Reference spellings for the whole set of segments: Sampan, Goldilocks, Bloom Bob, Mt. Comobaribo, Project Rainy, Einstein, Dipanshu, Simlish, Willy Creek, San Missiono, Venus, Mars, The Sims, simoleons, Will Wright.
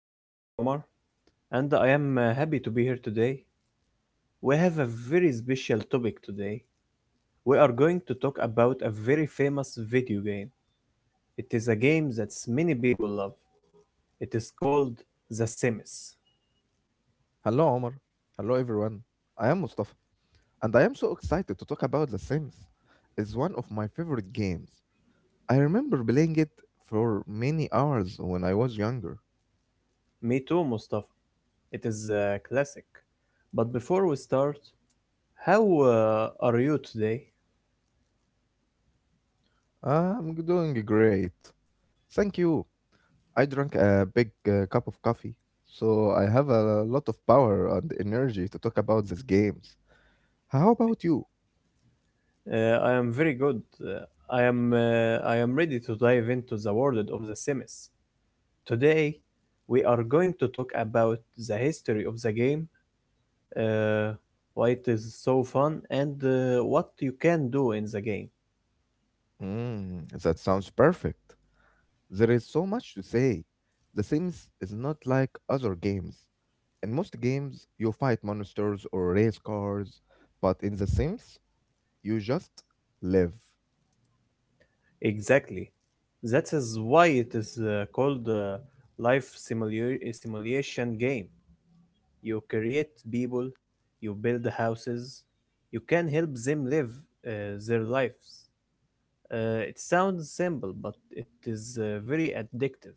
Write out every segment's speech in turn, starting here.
My name is Omar, and I am happy to be here today. We have a very special topic today. We are going to talk about a very famous video game. It is a game that many people love. It is called The Sims. Hello, Omar. Hello, everyone. I am Mustafa, and I am so excited to talk about The Sims. It's one of my favorite games. I remember playing it for many hours when I was younger. Me too, Mustafa. It is a classic. But before we start, how are you today? I'm doing great. Thank you. I drank a big cup of coffee, so I have a lot of power and energy to talk about these games. How about you? I am very good. I am ready to dive into the world of The Sims. Today, we are going to talk about the history of the game, uh, why it is so fun, and what you can do in the game. Mm, that sounds perfect. There is so much to say. The Sims is not like other games. In most games, you fight monsters or race cars, but in The Sims, you just live. Exactly. That is why it is called a simulation game. You create people, you build houses, you can help them live uh, their lives. It sounds simple, but it is very addictive.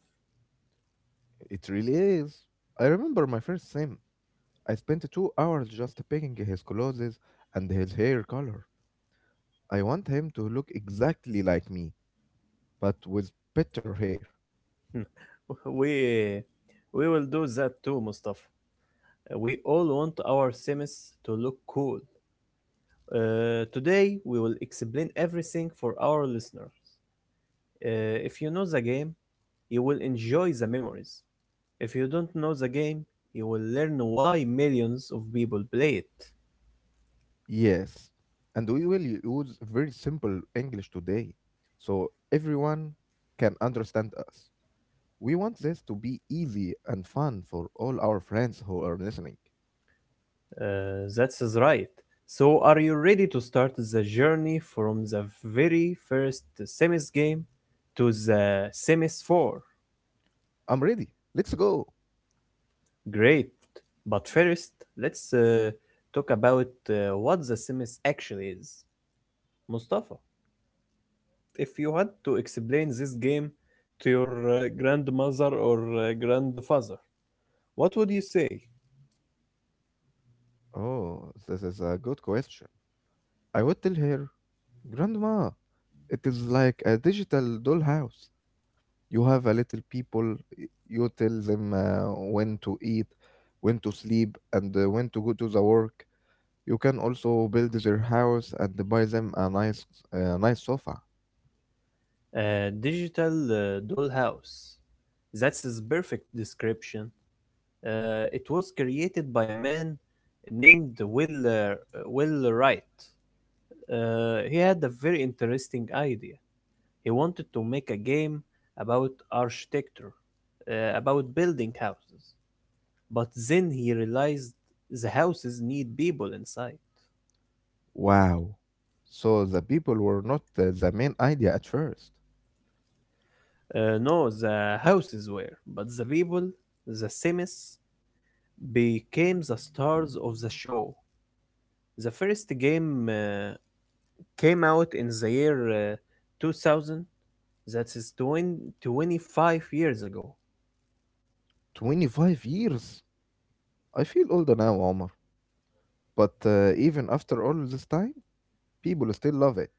It really is. I remember my first Sim. I spent 2 hours just picking his clothes and his hair color. I want him to look exactly like me, but with better hair. we we will do that too, Mustafa. We all want our semis to look cool. Today we will explain everything for our listeners. If you know the game, you will enjoy the memories. If you don't know the game, you will learn why millions of people play it. Yes. And we will use very simple English today, so everyone can understand us. We want this to be easy and fun for all our friends who are listening. That's is right. So, are you ready to start the journey from the very first semis game to the semis 4? I'm ready. Let's go. Great. But first, let's talk about what the Sims actually is. Mustafa, if you had to explain this game to your grandmother or grandfather, what would you say? Oh, this is a good question. I would tell her, Grandma, it is like a digital dollhouse. You have a little people, you tell them when to eat, when to sleep, and when to go to the work. You can also build their house and buy them a nice sofa. A digital dollhouse. That's his perfect description. It was created by a man named Will Wright. He had a very interesting idea. He wanted to make a game about architecture, about building houses. But then he realized the houses need people inside. Wow. So the people were not the main idea at first. No, the houses were, but the people, the Sims, became the stars of the show. The first game came out in the year 2000, that is 20, 25 years ago. 25 years. I feel older now, Omar. But even after all this time, people still love it.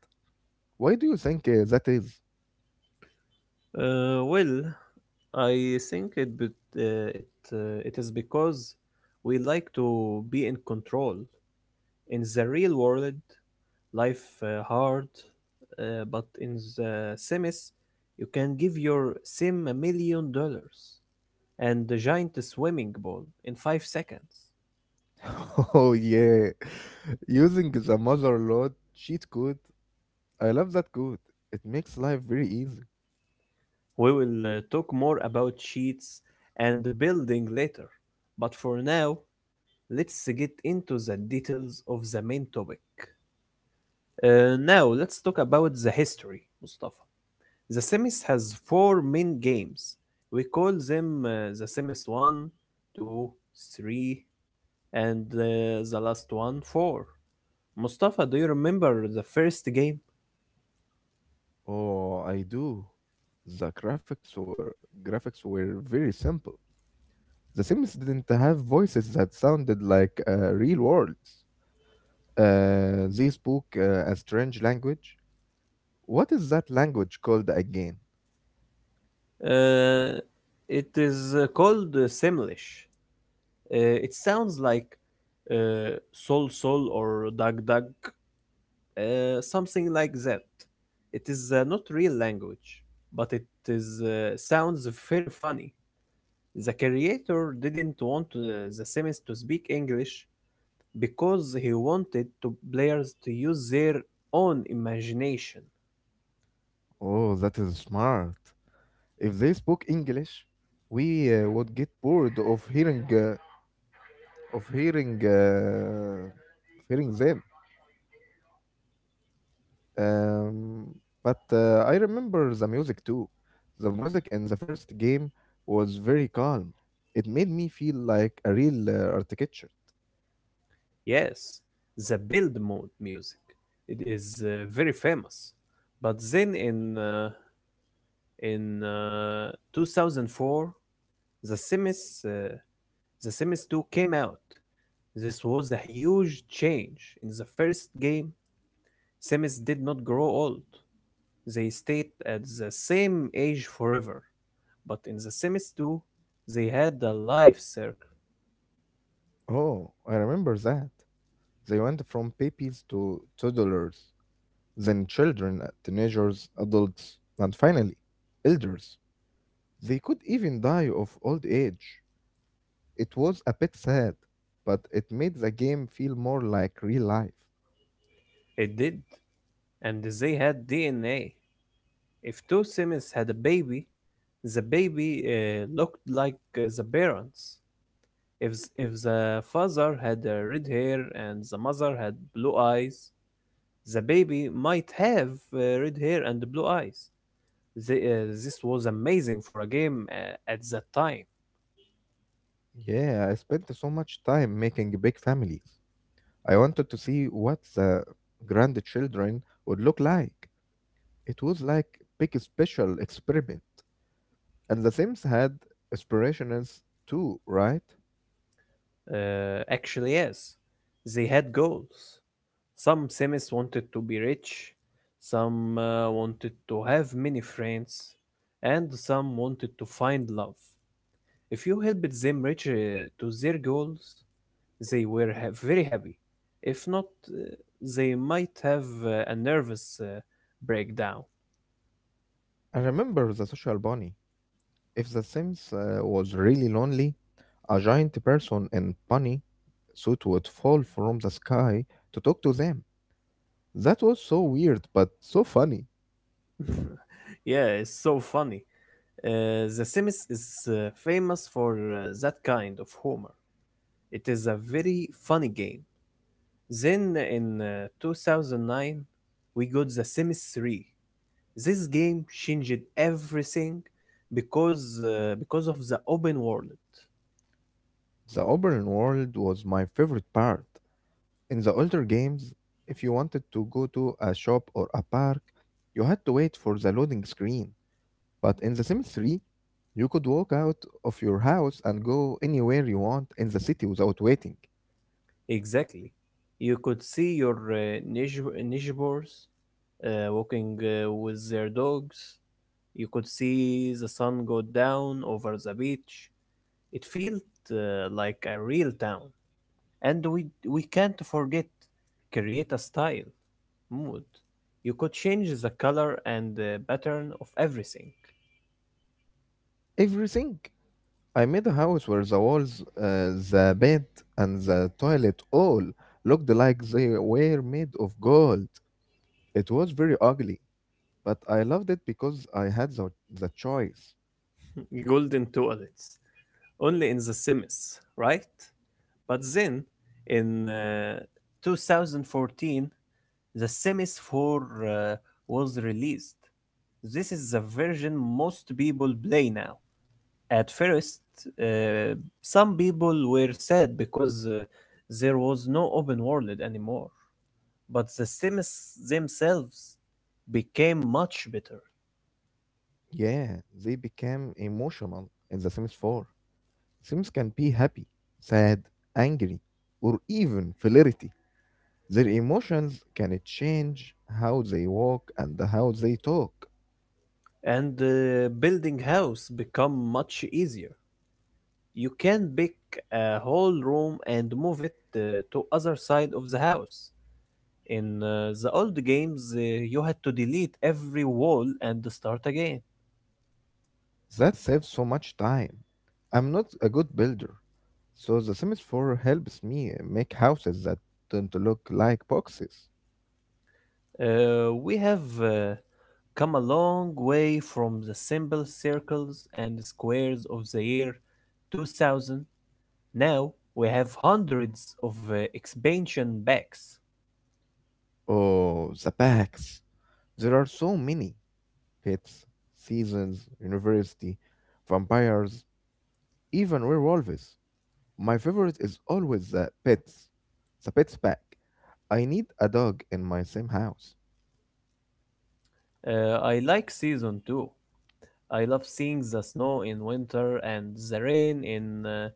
Why do you think that is? Well, I think it be, it it is because we like to be in control. In the real world, life hard, but in the Sims, you can give your Sim $1 million and a giant swimming pool in 5 seconds. Oh yeah, using the mother lode cheat code. I love that code. It makes life very easy. We will talk more about sheets and building later, but for now, let's get into the details of the main topic. Now let's talk about the history, Mustafa. The Sims has four main games. We call them the Sims one, 2, 3, and the last one 4. Mustafa, do you remember the first game? Oh, I do. The graphics were very simple. The Sims didn't have voices that sounded like real worlds. They spoke a strange language. What is that language called again? Uh, it is called Simlish. It sounds like Sol Sol or Dag Dag something like that. It is not real language, but it is sounds very funny. The creator didn't want the Sims to speak English because he wanted to players to use their own imagination. Oh, that is smart. If they spoke English, we would get bored of hearing them. Um, but I remember the music too. The music in the first game was very calm. It made me feel like a real architecture. Yes, the build mode music. It is very famous. But then in 2004, the Sims uh, the Sims 2 came out. This was a huge change. In the first game, Samus did not grow old. They stayed at the same age forever. But in the Samus 2, they had a life circle. Oh, I remember that. They went from babies to toddlers, then children, teenagers, adults, and finally, elders. They could even die of old age. It was a bit sad, but it made the game feel more like real life. It did. And they had DNA. If two Samus had a baby, the baby looked like the parents. If the father had red hair and the mother had blue eyes, the baby might have red hair and blue eyes. This was amazing for a game at that time. Yeah, I spent so much time making big families. I wanted to see what the grandchildren would look like. It was like big special experiment. And the Sims had aspirations too, right? Actually, yes, they had goals. Some Sims wanted to be rich, some wanted to have many friends, and some wanted to find love. If you helped them reach to their goals, they were very happy. If not, they might have a nervous breakdown. I remember the social bunny. If the Sims was really lonely, a giant person in bunny suit would fall from the sky to talk to them. That was so weird but so funny. yeah, it's so funny. The Sims is famous for that kind of humor. It is a very funny game. Then in 2009, we got The Sims 3. This game changed everything because of the open world. The open world was my favorite part. In the older games, if you wanted to go to a shop or a park, you had to wait for the loading screen. But in The Sims 3, you could walk out of your house and go anywhere you want in the city without waiting. Exactly. You could see your neighbors walking with their dogs. You could see the sun go down over the beach. It felt like a real town. And we can't forget create a style, mood. You could change the color and the pattern of everything. Everything. I made a house where the walls, the bed, and the toilet all looked like they were made of gold. It was very ugly, but I loved it because I had the choice. Golden toilets only in the Sims, right? But then in 2014, the Sims 4 uh, was released. This is the version most people play now. At first, uh, some people were sad because there was no open world anymore. But the Sims themselves became much better, Yeah, they became emotional in The Sims 4. Sims can be happy, sad, angry, or even flirty. Their emotions can change how they walk and how they talk. and building house become much easier. You can pick a whole room and move it to other side of the house. In the old games, you had to delete every wall and start again. That saves so much time. I'm not a good builder, so the Sims 4 helps me make houses that don't look like boxes. We have come a long way from the simple circles and squares of the year 2000. Now we have hundreds of expansion packs. Oh, the packs. There are so many pets, seasons, university, vampires, even werewolves. My favorite is always the pets pack. I need a dog in my same house. I like season 2. I love seeing the snow in winter and the rain in uh,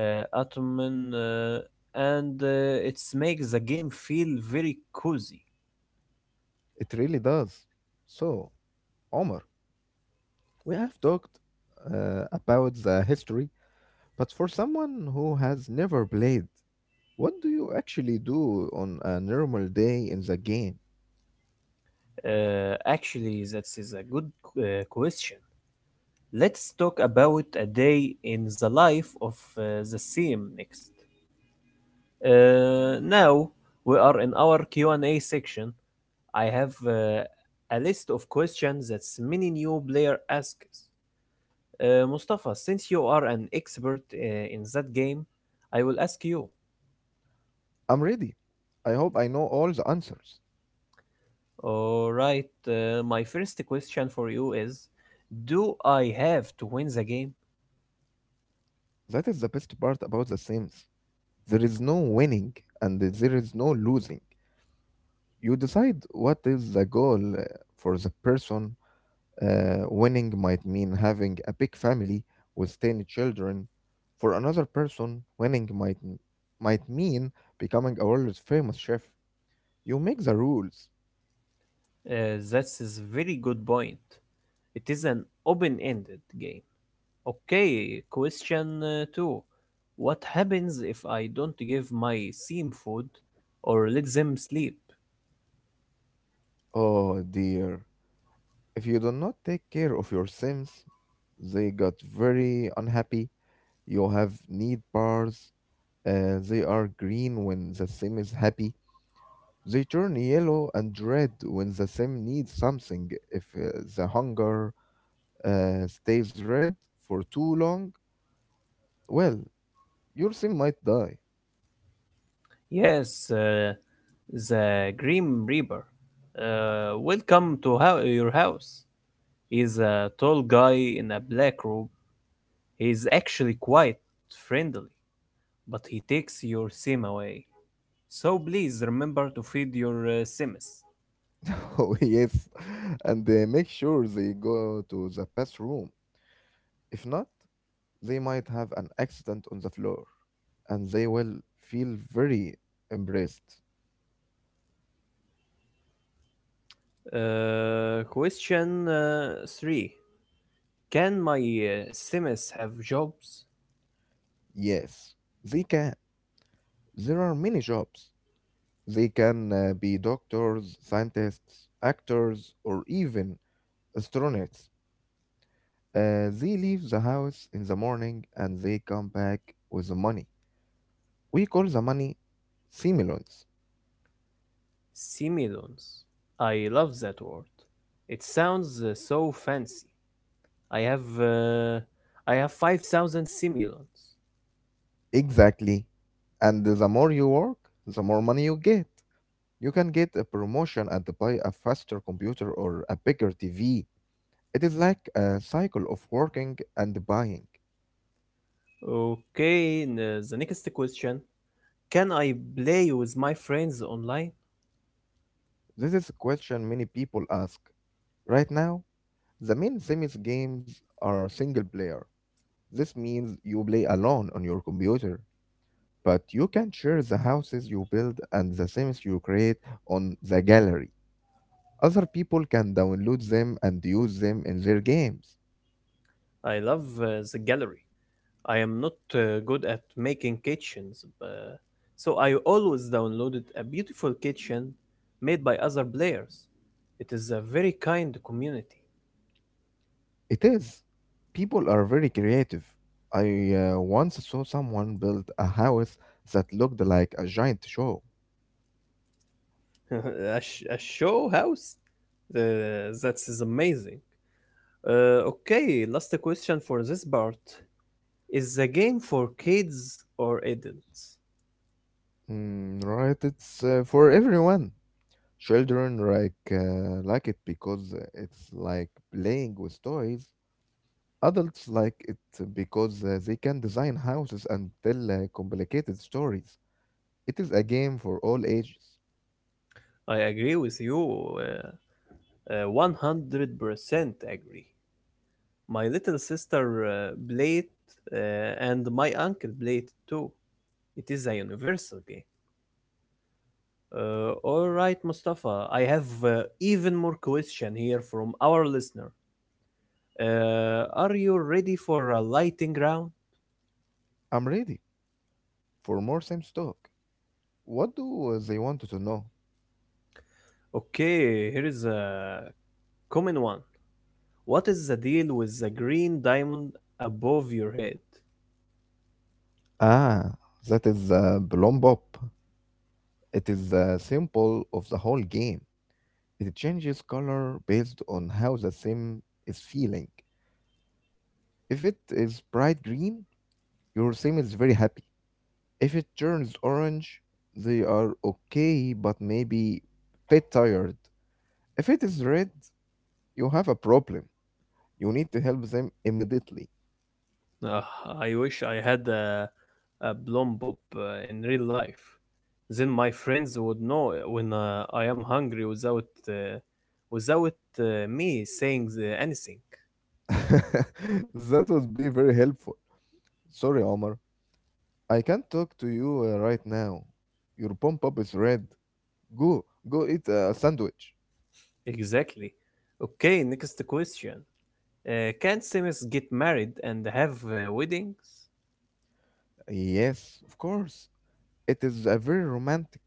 uh, autumn, and it makes the game feel very cozy. It really does. So, Omar, we have talked about the history, but for someone who has never played, what do you actually do on a normal day in the game? Actually, that is a good question. Let's talk about a day in the life of the CM next. Now we are in our Q&A section. I have a list of questions that many new player asks. Mustafa, since you are an expert in that game, I will ask you. I'm ready. I hope I know all the answers. All right, my first question for you is, do I have to win the game? That is the best part about the Sims. There is no winning and there is no losing. You decide what is the goal for the person. Winning might mean having a big family with 10 children. For another person, might mean becoming a world famous chef. You make the rules. That's a very good point. It is an open-ended game. Okay, question two. What happens if I don't give my team food or let them sleep? Oh dear. If you do not take care of your Sims, they got very unhappy. You have need bars. They are green when the Sim is happy. They turn yellow and red when the sim needs something. If the hunger stays red for too long, well, your sim might die. Yes, The Grim Reaper. Welcome to your house. He's a tall guy in a black robe. He's actually quite friendly, but he takes your sim away. So please remember to feed your sims. Oh, yes. And make sure they go to the bathroom. If not, they might have an accident on the floor and they will feel very embarrassed. Question 3. Can my sims have jobs? Yes, they can. There are many jobs. They can be doctors, scientists, actors, or even astronauts. They leave the house in the morning and they come back with the money. We call the money simoleons. Similons. I love that word. It sounds so fancy. I have uh, I have 5,000 similons. Exactly. And the more you work, the more money you get. You can get a promotion and buy a faster computer or a bigger TV. It is like a cycle of working and buying. Okay, the next question. Can I play with my friends online? This is a question many people ask. Right now, the main Sims games are single player. This means you play alone on your computer. But you can share the houses you build and the themes you create on the gallery. Other people can download them and use them in their games. I love the gallery. I am not good at making kitchens, so I always downloaded a beautiful kitchen made by other players. It is a very kind community. It is. People are very creative. I once saw someone build a house that looked like a giant show. A show house? That is amazing. Okay, last question for this part. Is the game for kids or adults? Mm, right, it's for everyone. Children like it because it's like playing with toys. Adults like it because they can design houses and tell complicated stories. It is a game for all ages. I agree with you. 100% agree. My little sister played uh, and my uncle played too. It is a universal game. All right, Mustafa, I have even more question here from our listener. Are you ready for a lighting round? I'm ready for more Sims talk. What do they want to know? Okay, here is a common one. What is the deal with the green diamond above your head? Ah, that is Bloom Bob. It is the symbol of the whole game. It changes color based on how the Sim is feeling. If it is bright green, your sim is very happy. If it turns orange, they are okay but maybe bit tired. If it is red, you have a problem. You need to help them immediately. Ugh, I wish I had a bloom in real life. Then my friends would know when I am hungry without me saying anything. That would be very helpful. Sorry, Omar. I can't talk to you right now. Your pump up is red. Go, go eat a sandwich. Exactly. Okay, next question. Can Sims get married and have weddings? Yes, of course. It is a very romantic.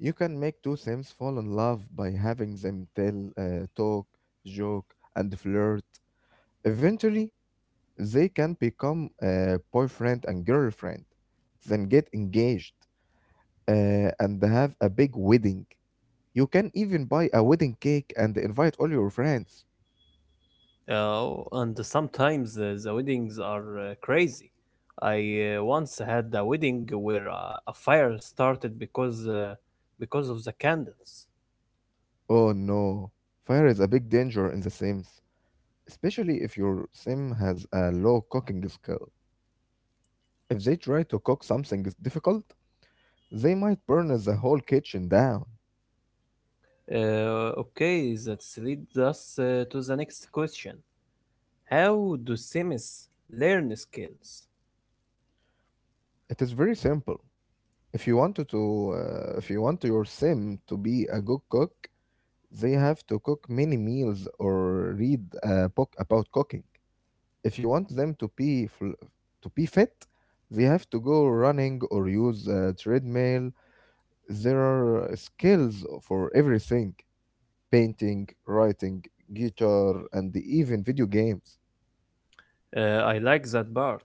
You can make two Sims fall in love by having them talk, joke, and flirt. Eventually, they can become a boyfriend and girlfriend, then get engaged and have a big wedding. You can even buy a wedding cake and invite all your friends. Oh, and sometimes the weddings are crazy. I once had a wedding where a fire started because of the candles. Oh no, fire is a big danger in The Sims, especially if your sim has a low cooking skill. If they try to cook something difficult, they might burn the whole kitchen down. Okay, that leads us to the next question. How do Sims learn skills? It is very simple. If you want to, If you want your sim to be a good cook, they have to cook many meals or read a book about cooking. If you want them to be fit, they have to go running or use a treadmill. There are skills for everything: painting, writing, guitar, and even video games. I like that part.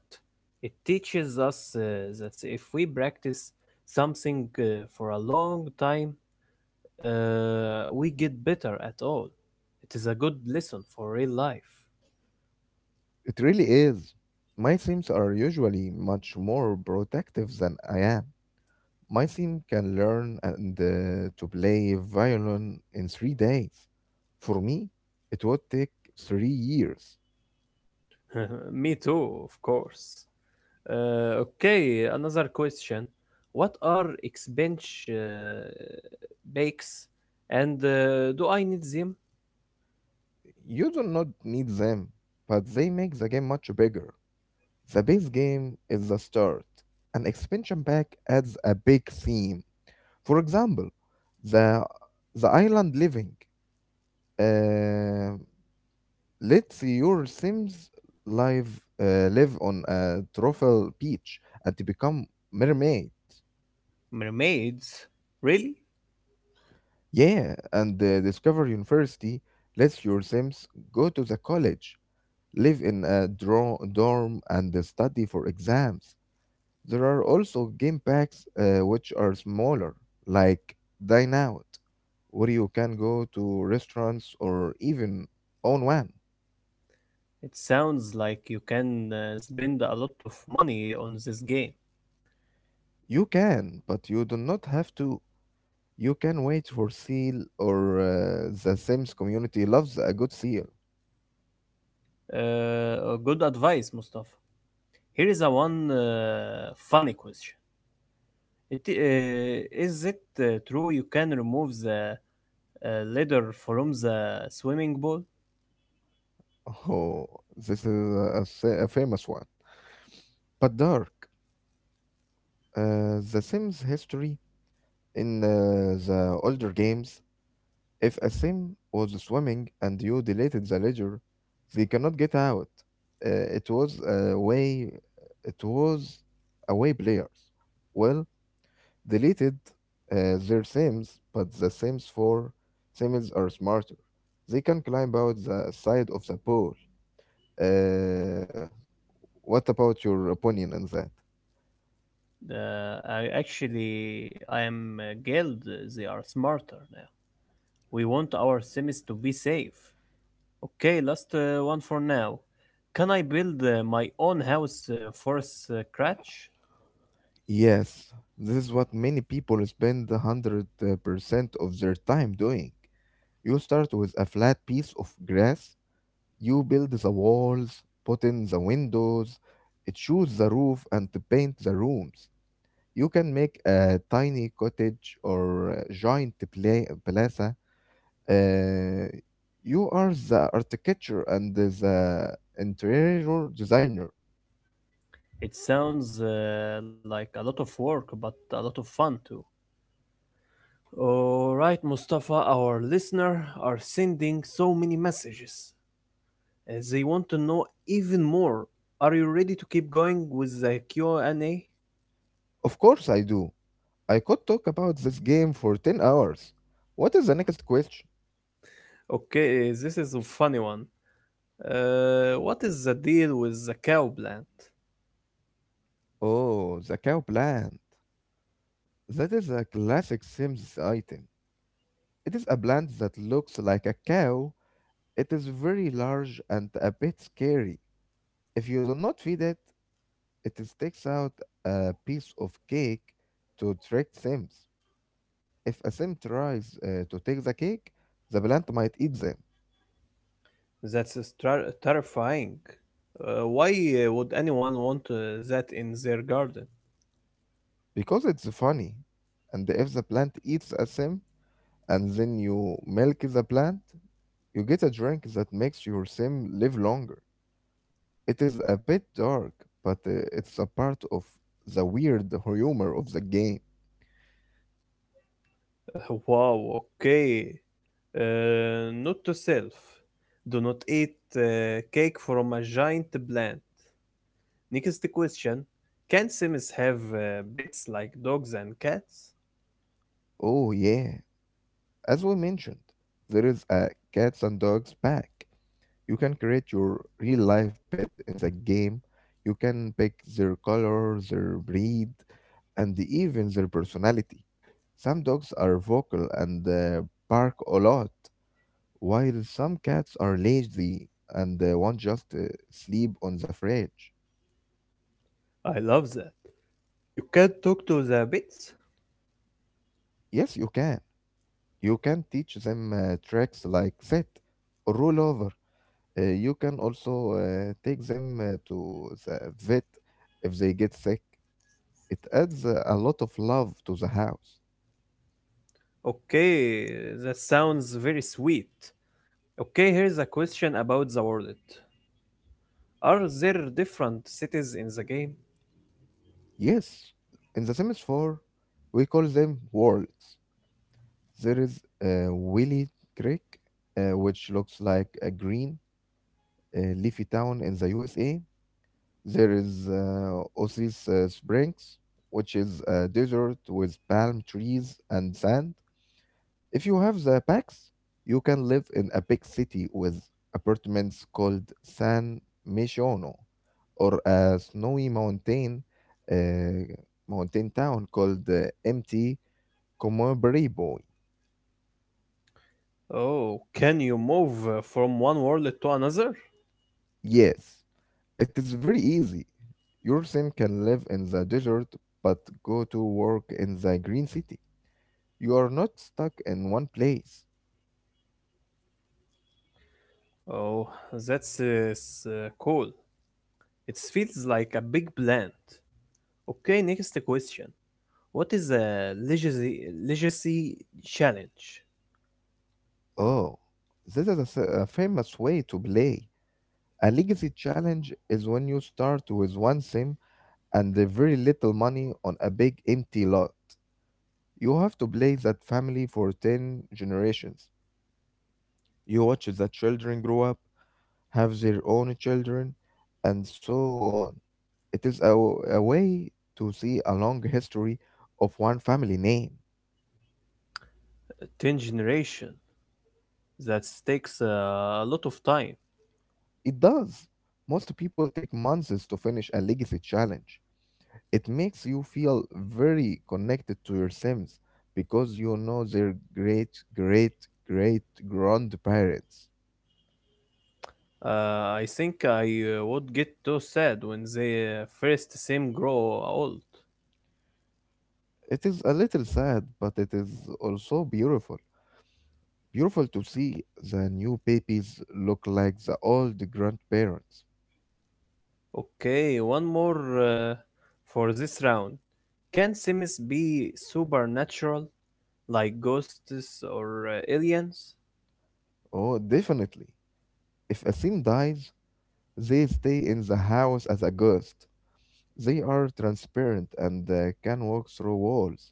It teaches us that if we practice something for a long time, we get better at all. It is a good lesson for real life. It really is. My themes are usually much more protective than I am. My theme can learn and to play violin in 3 days. For me, it would take 3 years. Me too, of course. Okay, another question. What are exbench bakes and do I need them? You do not need them, but they make the game much bigger. The base game is the start. An expansion pack adds a big theme. For example, the the island living. Uh, us your Sims live live on a tropical beach and to become mermaid. Mermaids? Really? Yeah, and Discover University lets your Sims go to the college, live in a dro- dorm, and study for exams. There are also game packs which are smaller, like Dine Out, where you can go to restaurants or even own one. It sounds like you can spend a lot of money on this game. You can, but you do not have to. You can wait for seal or the Sims community loves a good seal. Good advice, Mustafa. Here is a one funny question. Is it true you can remove the leather from the swimming pool? Oh, this is a famous one. But dark, the Sims history in the older games. If a sim was swimming and you deleted the ledger, they cannot get out. Uh, it was a way. It was away players. Well, deleted their sims, but the sims for sims are smarter. They can climb out the side of the pool. Uh, what about your opinion on that? I actually, I am guild. They are smarter now. We want our sims to be safe. Okay, last one for now. Can I build my own house for scratch? Yes, this is what many people spend 100% of their time doing. You start with a flat piece of grass, you build the walls, put in the windows, choose the roof, and paint the rooms. You can make a tiny cottage or a giant plaza. Uh, you are the architecture and the interior designer. It sounds like a lot of work, but a lot of fun too. All right, Mustafa, our listener are sending so many messages. They want to know even more. Are you ready to keep going with the Q&A? Of course, I do. I could talk about this game for 10 hours. What is the next question? Okay, this is a funny one. What is the deal with the cow plant? Oh, the cow plant. That is a classic Sims item. It is a plant that looks like a cow. It is very large and a bit scary. If you do not feed it, it sticks out a piece of cake to trick Sims. If a Sim tries to take the cake, the plant might eat them That's terrifying. Why would anyone want that in their garden? because it's funny. And if the plant eats a Sim and then you milk the plant, you get a drink that makes your Sim live longer. It is a bit dark, but it's a part of the weird humor of the game. Wow, okay. Note to self. Do not eat cake from a giant plant. Next question. Can Sims have pets like dogs and cats? Oh, yeah. As we mentioned, there is a cats and dogs pack. You can create your real life pet in the game. You can pick their color, their breed, and even their personality. Some dogs are vocal and bark a lot, while some cats are lazy and want just sleep on the fridge. I love that. You can talk to the pets. Yes, you can. You can teach them tricks like sit, roll over. You can also take them to the vet if they get sick. It adds a lot of love to the house. Okay, that sounds very sweet. Okay, here's a question about the world. Are there different cities in the game? Yes, in the Sims 4, we call them worlds. There is Willy Creek, which looks like a green leafy town in the USA. There is Osis Springs, which is a desert with palm trees and sand. If you have the packs, you can live in a big city with apartments called San Missiono, or a snowy mountain uh, mountain town called Mt. Comobaribo. Oh, can you move from one world to another? Yes, it is very easy. Your sim can live in the desert but go to work in the green city. You are not stuck in one place. Oh, that's cool. It feels like a big plant. Okay, next question. What is a legacy challenge? Oh, this is a famous way to play. A legacy challenge is when you start with one sim and the very little money on a big empty lot. You have to play that family for 10 generations. You watch the children grow up, have their own children, and so on. It is a way to see a long history of one family name. Ten generation that takes a lot of time. It does. Most people take months to finish a legacy challenge. It makes you feel very connected to your Sims because you know their great, great, great grandparents. I think I would get too sad when they first seem grow old. It is a little sad, but it is also beautiful. Beautiful to see the new babies look like the old grandparents. Okay, one more for this round. Can sims be supernatural, like ghosts or aliens? Oh, definitely. If a Sim dies, they stay in the house as a ghost. They are transparent and can walk through walls.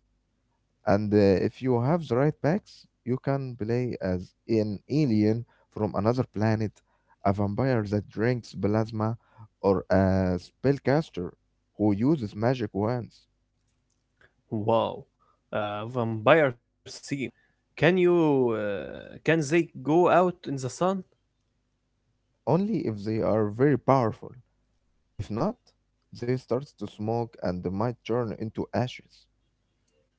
And If you have the right packs, you can play as an alien from another planet, a vampire that drinks plasma, or a spellcaster who uses magic wands, Wow, vampire sim. Can you? Can they go out in the sun? only if they are very powerful. If not, they start to smoke and might turn into ashes.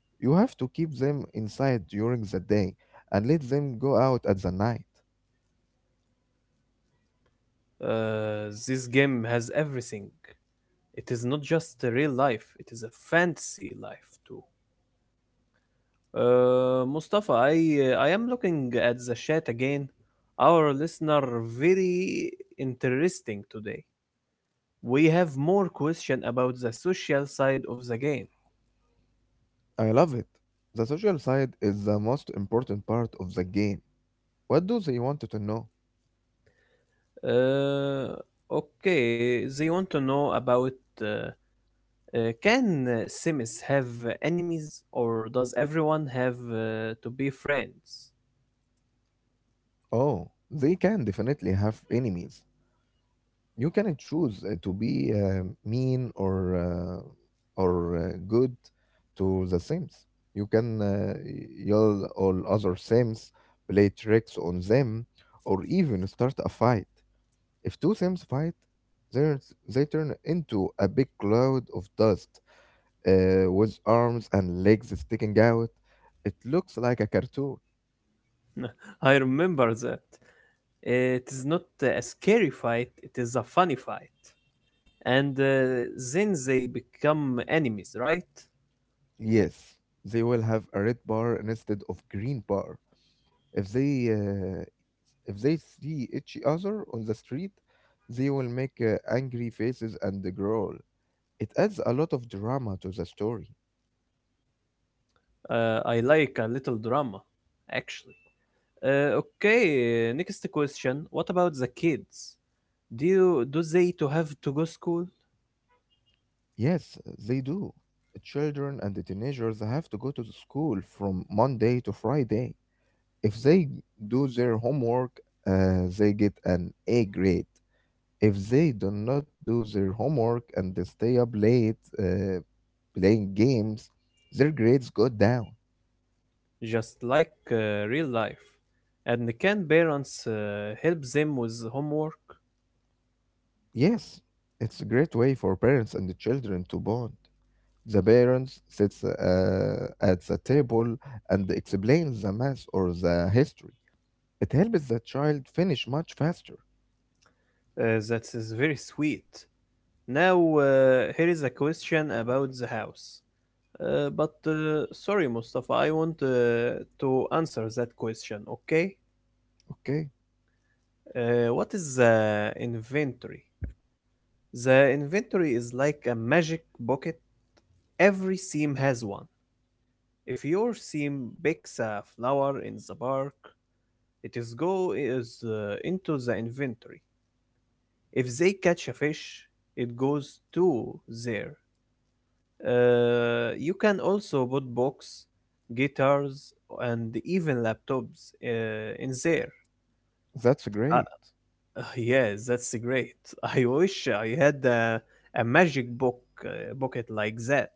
You have to keep them inside during the day and let them go out at the night. This game has everything. It is not just a real life, it is a fantasy life too. Mustafa, I am looking at the chat again. Our listener very interesting today. We have more question about the social side of the game. I love it. The social side is the most important part of the game. What do they wanted to know? Uh, okay, they want to know about uh, uh, can Sims have enemies or does everyone have to be friends? Oh, they can definitely have enemies. You can choose to be mean or good to the Sims. You can yell all other Sims, play tricks on them, or even start a fight. If two Sims fight, they turn into a big cloud of dust with arms and legs sticking out. It looks like a cartoon. I remember that. It is not a scary fight, it is a funny fight. And then they become enemies, right? Yes, they will have a red bar instead of green bar. If they uh, if they see each other on the street, they will make angry faces and growl. It adds a lot of drama to the story. I like a little drama, actually. Okay, next question. What about the kids? Do they to have to go school Yes, they do. Children and the teenagers have to go to the school from Monday to Friday. If they do their homework, they get an A grade. If they do not do their homework and they stay up late playing games, their grades go down. just like real life? And can parents help them with homework? Yes, it's a great way for parents and the children to bond. The parents sits at the table and explains the math or the history. It helps the child finish much faster. That is very sweet. Now, here is a question about the house. But sorry, Mustafa, I want to answer that question, okay? Okay, What is the inventory? The inventory is like a magic bucket. Every seam has one. If your seam picks a flower in the park, it is go is into the inventory. If they catch a fish, it goes to there. You can also put books, guitars, and even laptops in there. that's Uh, great. yes, that's great. I wish I had a magic book bucket like that.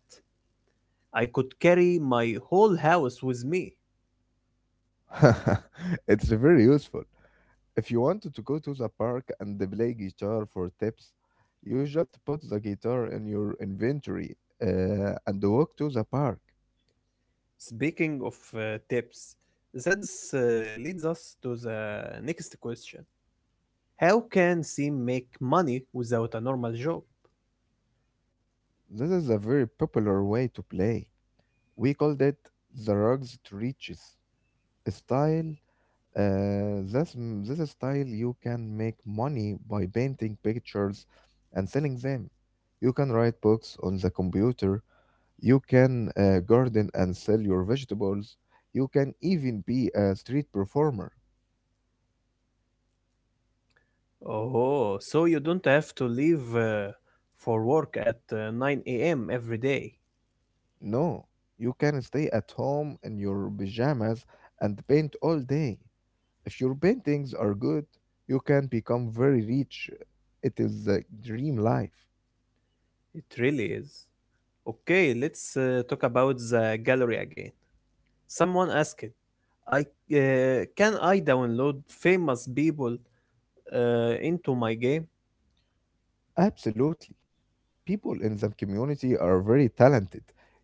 I could carry my whole house with me. It's very useful. If you wanted to go to the park and play guitar for tips, you just put the guitar in your inventory and walk to the park. Speaking of tips, that leads us to the next question. How can Sim make money without a normal job? This is a very popular way to play. We called it the rugs to riches style. This style you can make money by painting pictures and selling them. You can write books on the computer. You can garden and sell your vegetables. You can even be a street performer. Oh, so you don't have to leave for work at 9 a.m. every day. No, you can stay at home in your pajamas and paint all day. If your paintings are good, you can become very rich. It is the dream life. It really is. Okay, let's talk about the gallery again. Someone asked, "I can I download famous people into my game?" Absolutely. People in the community are very talented.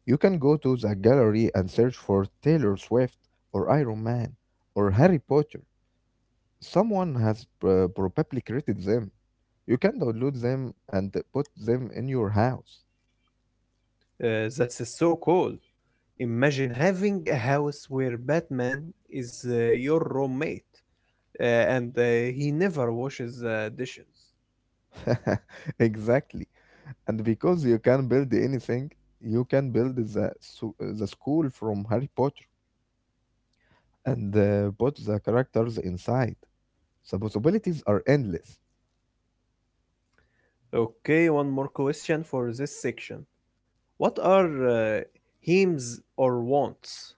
You can go to the gallery and search for Taylor Swift or Iron Man or Harry Potter. Someone has probably created them. You can download them and put them in your house. That's so cool. Imagine having a house where Batman is your roommate and he never washes dishes. Exactly. And because you can build anything, you can build the school from Harry Potter and put the characters inside. The possibilities are endless. Okay, one more question for this section. What are aims or wants?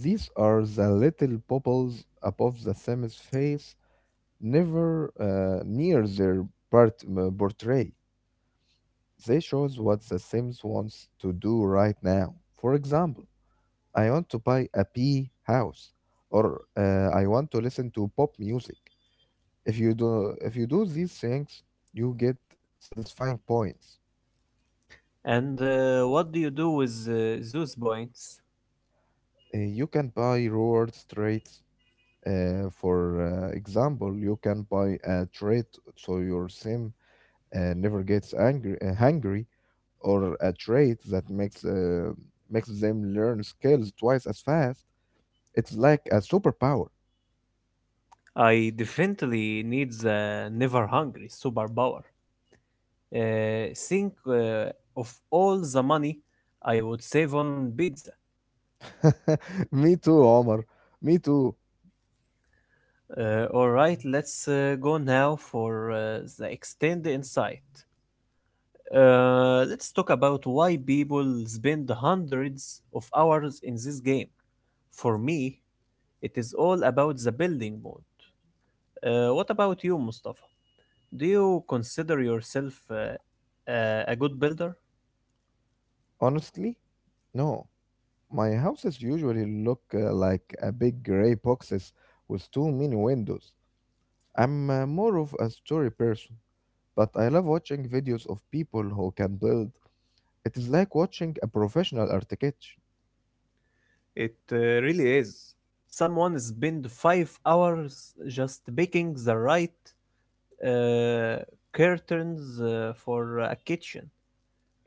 These are the little bubbles above the Sam's face, never near their portray. They shows what the Sims wants to do right now. For example, I want to buy a pea house, or I want to listen to pop music. If you do these things, you get satisfying points. And what do you do with those points? You can buy rewards traits. For example, you can buy a trait so your sim never gets angry, hungry, or a trait that makes makes them learn skills twice as fast. It's like a superpower. I definitely need the never hungry superpower. Think of all the money I would save on pizza. Me too, Omar. Me too. All right, let's go now for the extended insight. Let's talk about why people spend hundreds of hours in this game. For me, it is all about the building mode. What about you, Mustafa? Do you consider yourself a good builder? Honestly, no. My houses usually look like a big gray boxes with too many windows. I'm more of a story person, but I love watching videos of people who can build. It is like watching a professional architect, It really is. Someone spend 5 hours just picking the right uh, curtains for a kitchen.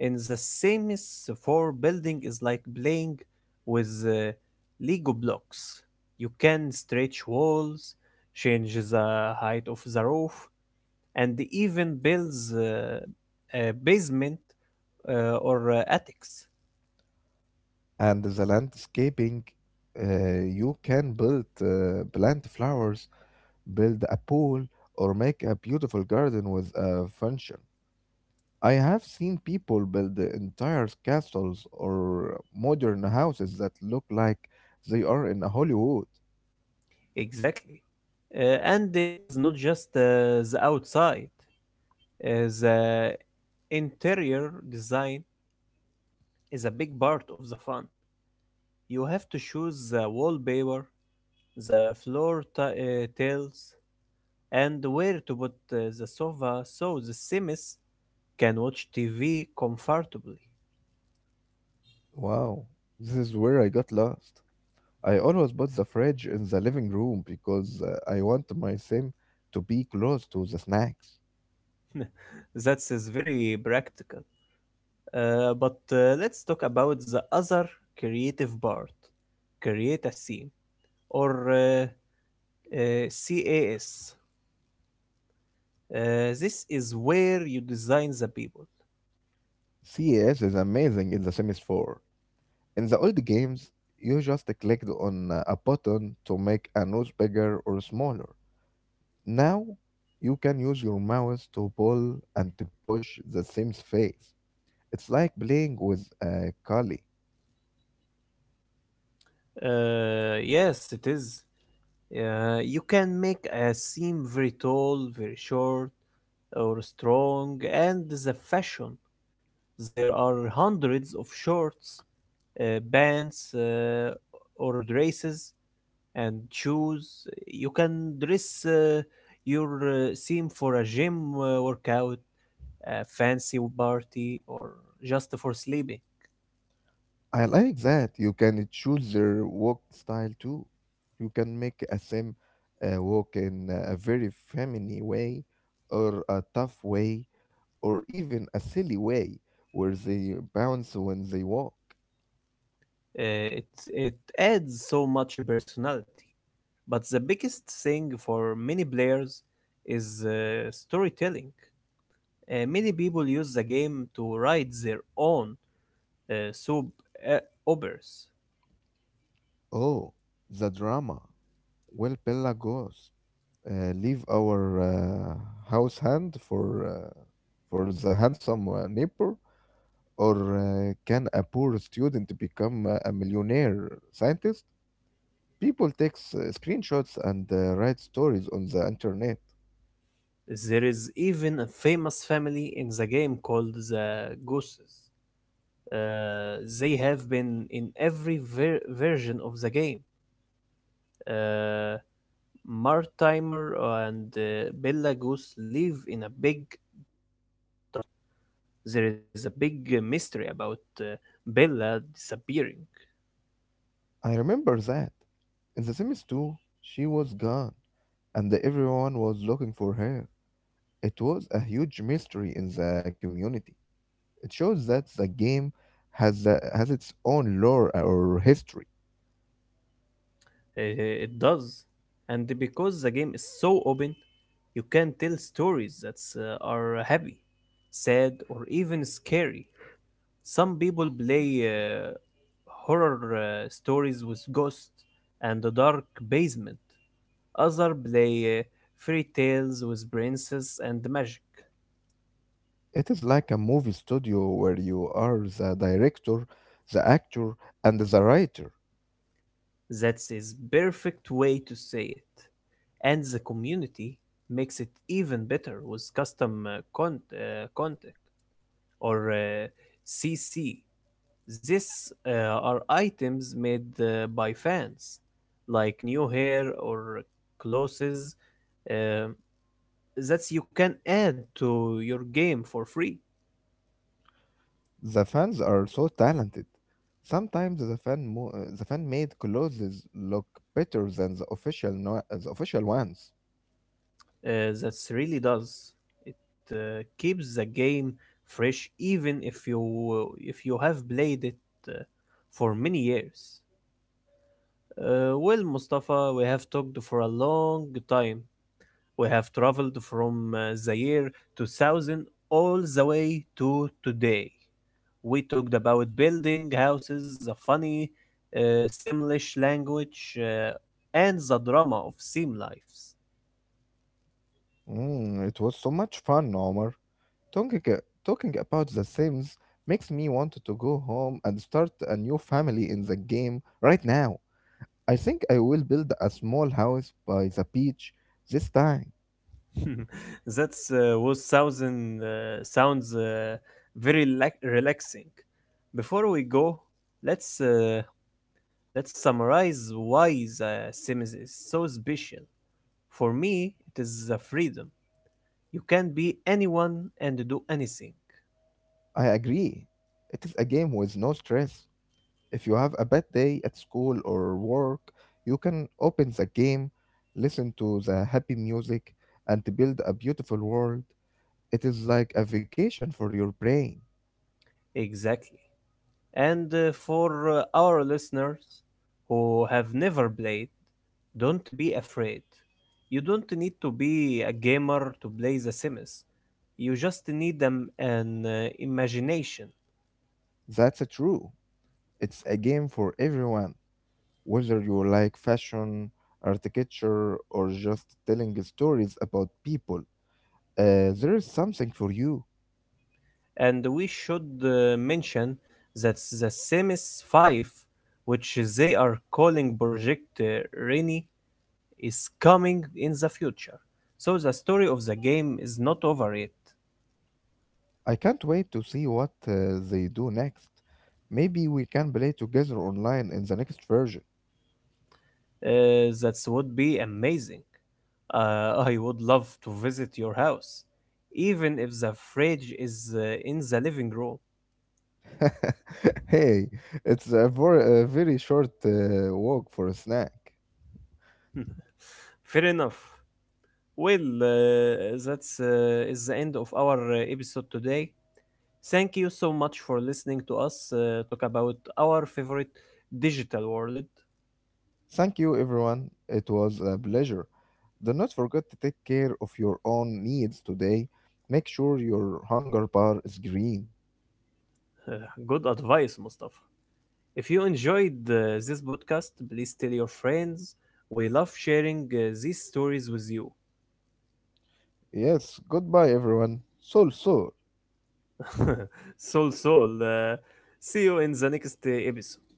And the same is for building is like playing with Lego blocks. You can stretch walls, change the height of the roof, and even builds a basement or attics. and the landscaping. You can plant flowers, build a pool, or make a beautiful garden with a function. I have seen people build the entire castles or modern houses that look like they are in Hollywood. Exactly. And it is not just the outside, uh, the interior design is a big part of the fun. You have to choose the wallpaper, the floor tiles, and where to put the sofa so the Sims can watch TV comfortably. Wow, this is where I got lost. I always put the fridge in the living room because I want my sim to be close to the snacks. That is very practical. But let's talk about the other creative part, create a scene or CAS. Uh, this is where you design the people. CS is amazing in The Sims 4. In the old games, you just clicked on a button to make a nose bigger or smaller. Now, you can use your mouse to pull and to push the Sims face. It's like playing with a Kali. Yes, it is. You can make a scene very tall, very short, or strong, and the fashion. There are hundreds of shorts, bands, or dresses and shoes. You can dress your theme for a gym workout, a fancy party, or just for sleeping. I like that you can choose their walk style too. You can make a sim walk in a very feminine way, or a tough way, or even a silly way where they bounce when they walk. Uh, it it adds so much personality. But the biggest thing for many players is storytelling. Many people use the game to write their own soap uh, operas. Oh, the drama. Well, Bella goes. Leave our house hand for the handsome neighbor, or can a poor student become a millionaire scientist? People takes screenshots and write stories on the internet. There is even a famous family in the game called the Gooses. They have been in every version of the game. Uh, Martimer and Bella Goose live in a big dark house. There is a big mystery about Bella disappearing. I remember that. In The Sims 2, she was gone, and everyone was looking for her. It was a huge mystery in the community. It shows that the game has its own lore or history. It does. And because the game is so open, you can tell stories that are happy, sad, or even scary. Some people play horror stories with ghosts and the dark basement. Others play fairy tales with princess and magic. It is like a movie studio where you are the director, the actor, and the writer. That's his perfect way to say it. And the community makes it even better with custom content or CC. These are items made by fans, like new hair or clothes. um that you can add to your game for free. The fans are so talented. Sometimes the the fan made clothes look better than the official no- the official ones. That really does. It keeps the game fresh, even if you have played it uh, for many years. Well, Mustafa, we have talked for a long time. We have traveled from the year 2000 all the way to today. We talked about building houses, the funny Simlish language, and the drama of sim lives. Mm, it was so much fun, Omar. Talking uh, talking about the Sims makes me want to go home and start a new family in the game right now. I think I will build a small house by the beach this time. That sounds very relaxing. Before we go, let's uh, let's summarize why the Sims is so special. For me, it is the freedom. You can be anyone and do anything. I agree. It is a game with no stress. If you have a bad day at school or work, you can open the game, listen to the happy music, and build a beautiful world. It is like a vacation for your brain. Exactly. And for our listeners who have never played, don't be afraid. You don't need to be a gamer to play The Sims. You just need an imagination. That's a true. It's a game for everyone. Whether you like fashion, architecture, or just telling stories about people, there is something for you. And we should mention that The Sims 5, which they are calling Project Rainy, is coming in the future. So the story of the game is not over yet. I can't wait to see what they do next. Maybe we can play together online in the next version. That would be amazing. I would love to visit your house, even if the fridge is in the living room. Hey, it's a very short walk for a snack. Fair enough. Well, that's is the end of our episode today. Thank you so much for listening to us talk about our favorite digital world. Thank you, everyone. It was a pleasure. Do not forget to take care of your own needs today. Make sure your hunger bar is green. Uh, Good advice, Mustafa. If you enjoyed this podcast, please tell your friends. We love sharing these stories with you. Yes, goodbye everyone. Sol Sol. Soul Soul. See you in the next episode.